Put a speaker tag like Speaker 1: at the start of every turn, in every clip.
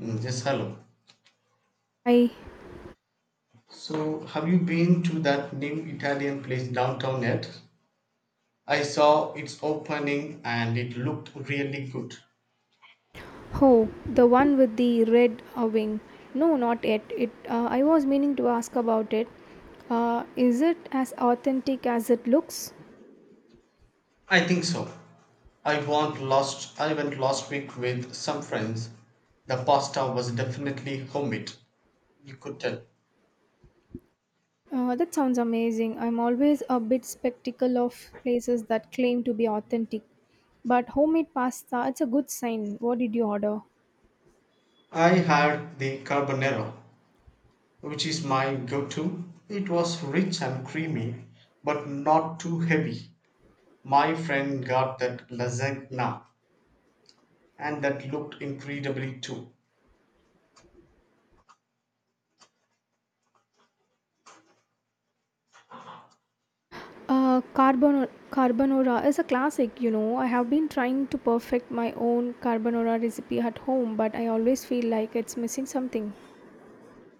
Speaker 1: Yes, hello.
Speaker 2: I
Speaker 1: So, have you been to that new Italian place downtown yet? I saw its opening and it looked really good.
Speaker 2: ho the one with the red wing. No, not yet. It. I was meaning to ask about it. Is it as authentic as it looks?
Speaker 1: I think so. I went last week with some friends. The pasta was definitely homemade. You could tell.
Speaker 2: That sounds amazing. I'm always a bit skeptical of places that claim to be authentic, but homemade pasta. It's a good sign. What did you order?
Speaker 1: I had the carbonara, which is my go-to. It was rich and creamy, but not too heavy. My friend got that lasagna, and that looked incredibly too.
Speaker 2: Carbonara is a classic. You know, I have been trying to perfect my own carbonara recipe at home, but I always feel like it's missing something.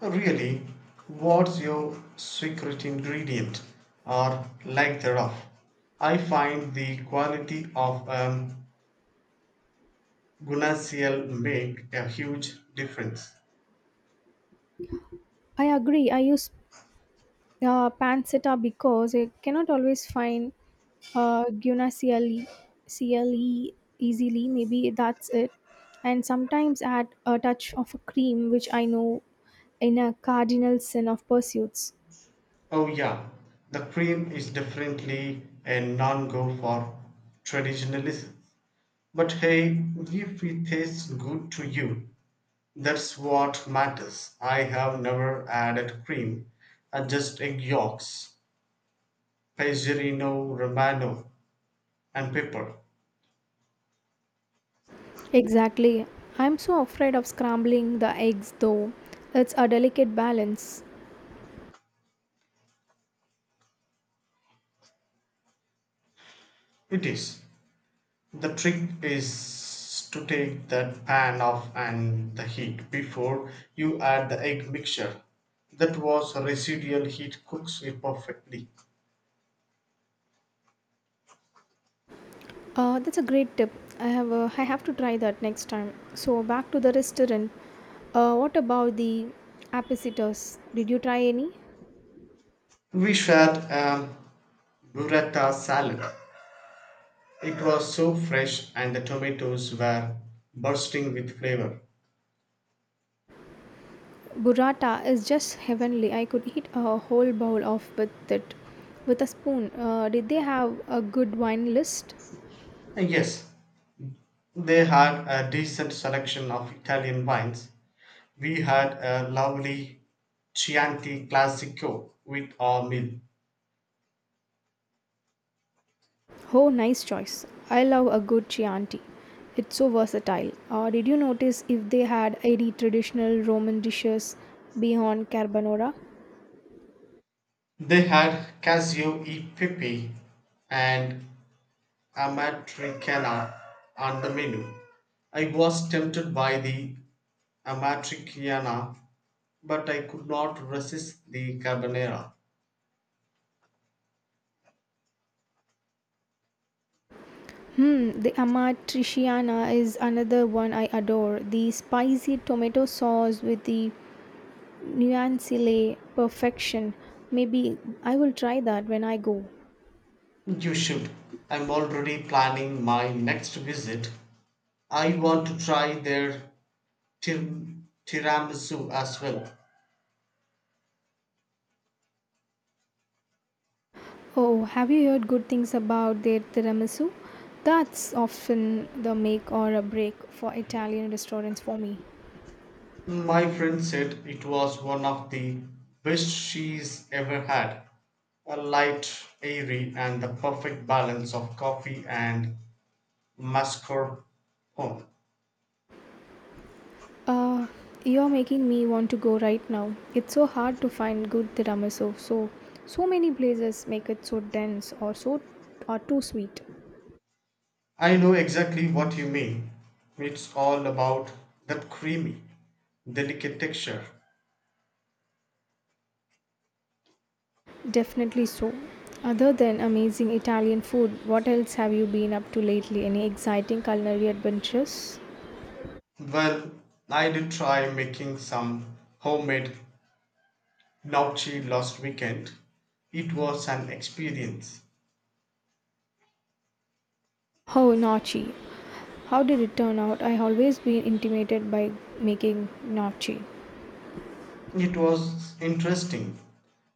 Speaker 1: Really, what's your secret ingredient, or lack thereof? I find the quality of gunacial make a huge difference.
Speaker 2: I agree. I use pancetta because I cannot always find guna CLE, easily. Maybe that's it. And sometimes add a touch of a cream, which I know in a cardinal sin of pursuits.
Speaker 1: Oh, yeah, the cream is definitely a non-go for traditionalists. But hey, if it tastes good to you, that's what matters. I have never added cream, I just egg yolks, Pagerino Romano, and pepper.
Speaker 2: Exactly. I'm so afraid of scrambling the eggs though. It's a delicate balance.
Speaker 1: It is. The trick is to take the pan off and the heat before you add the egg mixture. That was residual heat cooks it perfectly.
Speaker 2: That's a great tip. I have to try that next time. So back to the restaurant. What about the appetiters? Did you try any?
Speaker 1: We shared a burrata salad. It was so fresh and the tomatoes were bursting with flavor.
Speaker 2: Burrata is just heavenly. I could eat a whole bowl of with it with a spoon. Did they have a good wine list?
Speaker 1: And yes, they had a decent selection of Italian wines. We had a lovely Chianti Classico with our meal.
Speaker 2: Oh, nice choice. I love a good Chianti. It's so versatile. Did you notice if they had any traditional Roman dishes beyond carbonara?
Speaker 1: They had Casio e Pepe and Amatricana on the menu. I was tempted by the Amatricana, but I could not resist the Carbonara.
Speaker 2: Hmm, the amatriciana is another one I adore. The spicy tomato sauce with the nuancele perfection. Maybe I will try that when I go.
Speaker 1: You should. I'm already planning my next visit. I want to try their tir- tiramisu as well.
Speaker 2: Oh, have you heard good things about their tiramisu? That's often the make or a break for Italian restaurants for me.
Speaker 1: My friend said it was one of the best she's ever had. A light, airy, and the perfect balance of coffee and mascarpone.
Speaker 2: Uh, you're making me want to go right now. It's so hard to find good tiramisu. So many places make it so dense or too sweet.
Speaker 1: I know exactly what you mean. It's all about that creamy, delicate texture.
Speaker 2: Definitely so. Other than amazing Italian food, what else have you been up to lately? Any exciting culinary adventures?
Speaker 1: Well, I did try making some homemade gnocchi last weekend. It was an experience.
Speaker 2: Oh, Nochi. How did it turn out? I always been intimidated by making gnocchi.
Speaker 1: It was interesting.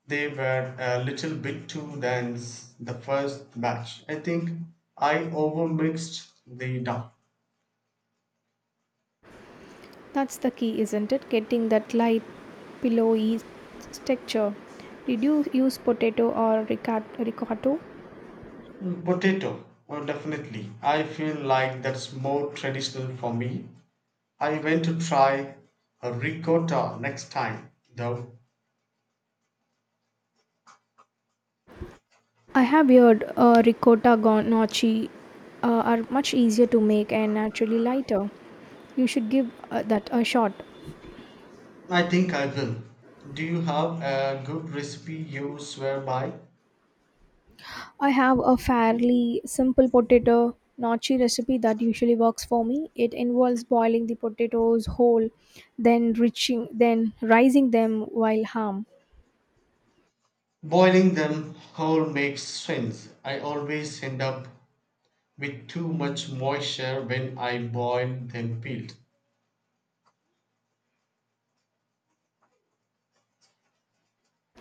Speaker 1: They were a little bit too dense the first batch. I think I overmixed the dough.
Speaker 2: That's the key, isn't it? Getting that light, pillowy texture. Did you use potato or ricotta?
Speaker 1: Potato, oh, definitely. I feel like that's more traditional for me. I went to try a ricotta next time, though.
Speaker 2: I have heard gnocchi are much easier to make and naturally lighter. You should give that a shot.
Speaker 1: I think I will. Do you have a good recipe you swear by?
Speaker 2: I have a fairly simple potato gnocchi recipe that usually works for me. It involves boiling the potatoes whole, then rising them while harm.
Speaker 1: Boiling them whole makes sense. I always end up with too much moisture when I boiled then peeled.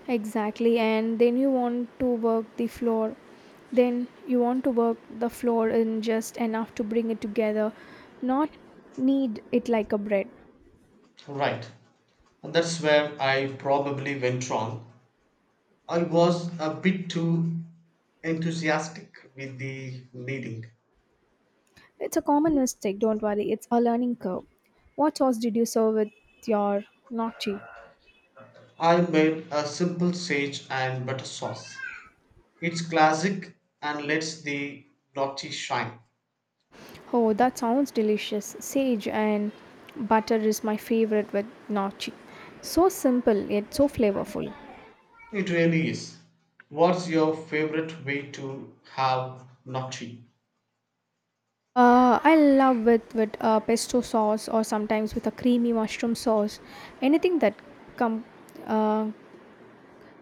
Speaker 2: Exactly, and then you want to work the flour. Then you want to work the flour in just enough to bring it together, not knead it like a bread.
Speaker 1: Right. And that's where I probably went wrong. I was a bit too enthusiastic with the kneading.
Speaker 2: It's a common mistake, don't worry. It's a learning curve. What sauce did you serve with your gnocchi?
Speaker 1: I made a simple sage and butter sauce. It's classic and lets the gnocchi shine.
Speaker 2: Oh, that sounds delicious. Sage and butter is my favorite with gnocchi. So simple yet so flavorful.
Speaker 1: It really is. What's your favorite way to have gnocchi?
Speaker 2: I love with pesto sauce or sometimes with a creamy mushroom sauce. Anything that com- uh,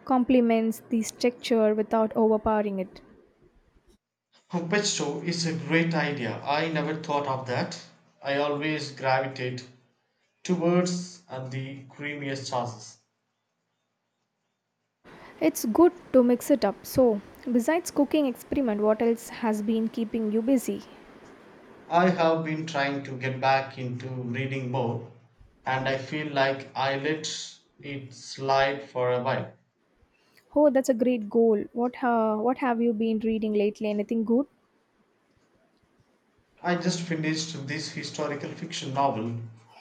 Speaker 2: complements this texture without overpowering it.
Speaker 1: Puppet show is a great idea. I never thought of that. I always gravitate towards and the creamiest sauces.
Speaker 2: It's good to mix it up. So, besides cooking experiment, what else has been keeping you busy?
Speaker 1: I have been trying to get back into reading more, and I feel like I let it slide for a while.
Speaker 2: Oh, that's a great goal. What have you been reading lately? Anything good?
Speaker 1: I just finished this historical fiction novel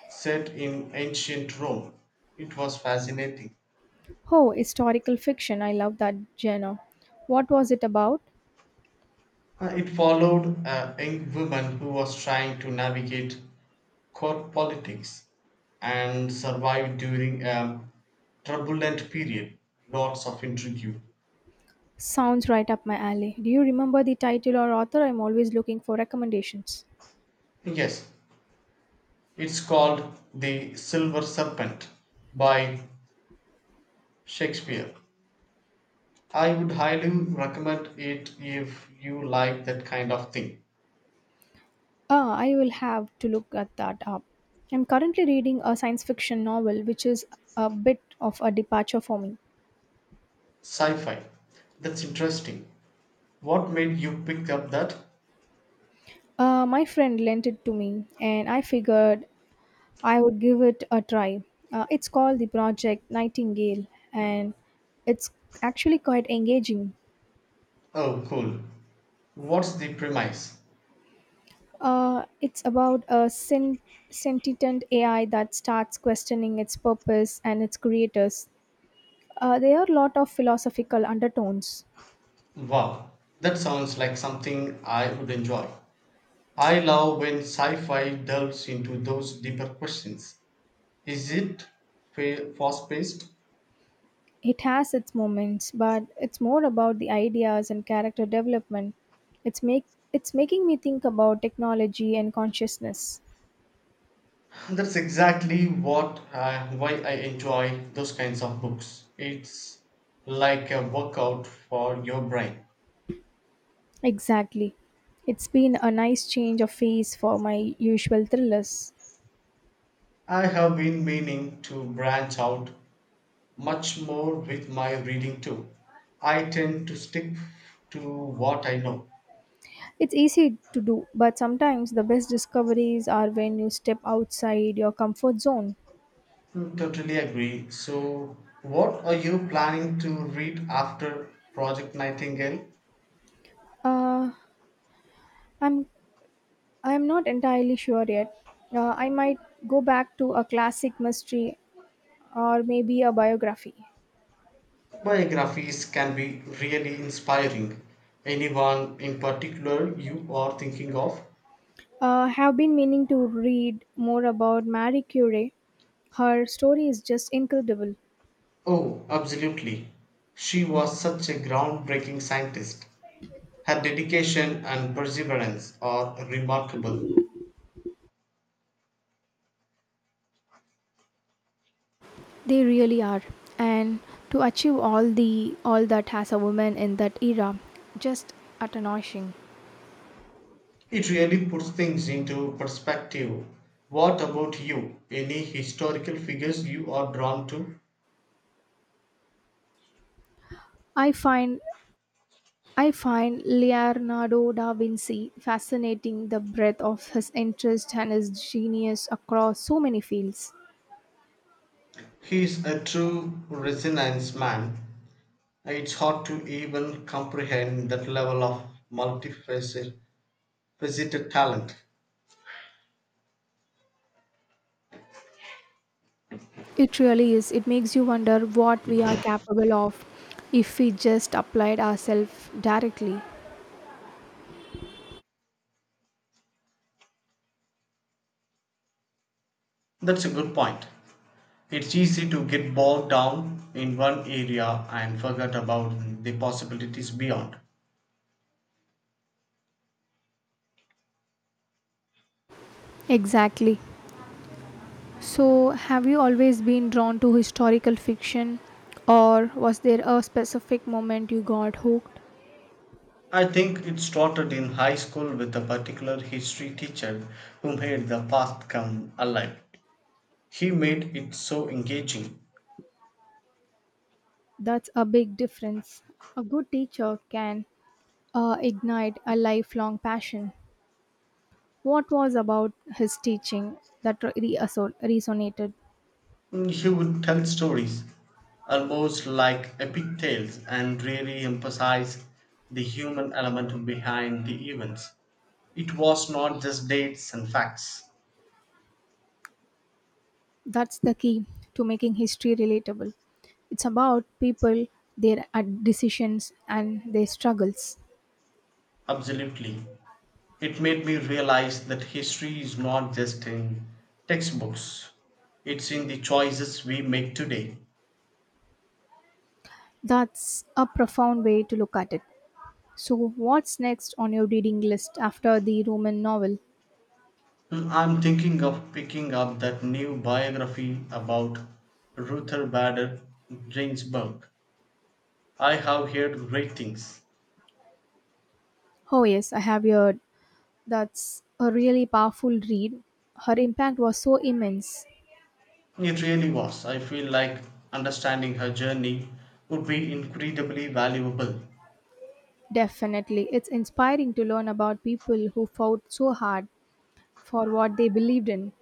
Speaker 1: set in ancient Rome. It was fascinating.
Speaker 2: Oh, historical fiction. I love that genre. What was it about?
Speaker 1: It followed a young woman who was trying to navigate court politics and survive during a turbulent period. Lots of intrigue.
Speaker 2: Sounds right up my alley. Do you remember the title or author? I'm always looking for recommendations.
Speaker 1: Yes, it's called The Silver Serpent by Shakespeare. I would highly recommend it if you like that kind of thing.
Speaker 2: Ah, I will have to look at that up. I'm currently reading a science fiction novel, which is a bit of a departure for me.
Speaker 1: Sci fi. That's interesting. What made you pick up that?
Speaker 2: My friend lent it to me, and I figured I would give it a try. It's called The Project Nightingale, and it's actually quite engaging.
Speaker 1: Oh, cool. What's the premise?
Speaker 2: It's about a sen- sentient AI that starts questioning its purpose and its creators. There are a lot of philosophical undertones.
Speaker 1: Wow, that sounds like something I would enjoy. I love when sci fi delves into those deeper questions. Is it fast paced?
Speaker 2: It has its moments, but it's more about the ideas and character development. It's make it's making me think about technology and consciousness.
Speaker 1: That's exactly what why I enjoy those kinds of books. It's like a workout for your brain.
Speaker 2: Exactly. It's been a nice change of phase for my usual thrillers.
Speaker 1: I have been meaning to branch out much more with my reading too. I tend to stick to what I know.
Speaker 2: It's easy to do, but sometimes the best discoveries are when you step outside your comfort zone.
Speaker 1: Totally agree. So, what are you planning to read after Project Nightingale?
Speaker 2: Uh, I'm I'm not entirely sure yet. I might go back to a classic mystery or maybe a biography.
Speaker 1: Biographies can be really inspiring. Anyone in particular you are thinking of?
Speaker 2: Have been meaning to read more about Marie Curie. Her story is just incredible.
Speaker 1: Oh, absolutely. She was such a groundbreaking scientist. Her dedication and perseverance are remarkable.
Speaker 2: They really are. And to achieve all that as a woman in that era, just astonishing.
Speaker 1: It really puts things into perspective. What about you? Any historical figures you are drawn to?
Speaker 2: I find I find Leonardo da Vinci fascinating the breadth of his interest and his genius across so many fields.
Speaker 1: He's a true resonance man. It's hard to even comprehend that level of multifaceted talent.
Speaker 2: It really is. It makes you wonder what we are capable of if we just applied ourselves directly.
Speaker 1: That's a good point. It's easy to get bogged down in one area and forget about the possibilities beyond.
Speaker 2: Exactly. So, have you always been drawn to historical fiction, or was there a specific moment you got hooked?
Speaker 1: I think it started in high school with a particular history teacher who made the past come alive. He made it so engaging.
Speaker 2: That's a big difference. A good teacher can ignite a lifelong passion. What was about his teaching that resonated?
Speaker 1: He would tell stories, almost like epic tales, and really emphasize the human element behind the events. It was not just dates and facts.
Speaker 2: That's the key to making history relatable. It's about people, their decisions, and their struggles.
Speaker 1: Absolutely. It made me realize that history is not just in textbooks, it's in the choices we make today.
Speaker 2: That's a profound way to look at it. So, what's next on your reading list after the Roman novel?
Speaker 1: Hmm, I'm thinking of picking up that new biography about Ruther Bader Ginsburg. I have heard great things.
Speaker 2: Oh, yes, I have heard. That's a really powerful read. Her impact was so immense.
Speaker 1: It really was. I feel like understanding her journey would be incredibly valuable
Speaker 2: Definitely. It's inspiring to learn about people who fought so hard for what they believed in?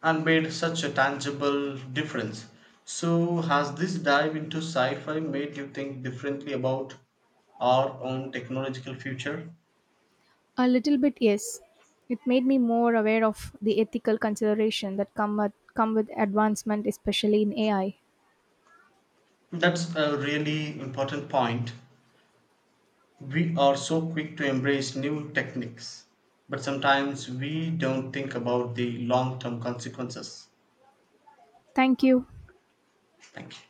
Speaker 1: and made such a tangible difference. So, has this dive into sci fi made you think differently about our own technological future?
Speaker 2: A little bit, yes. It made me more aware of the ethical consideration that come with advancement, especially in AI.
Speaker 1: That's a really important point. We are so quick to embrace new techniques, but sometimes we don't think about the long term consequences.
Speaker 2: Thank you.
Speaker 1: Thank you.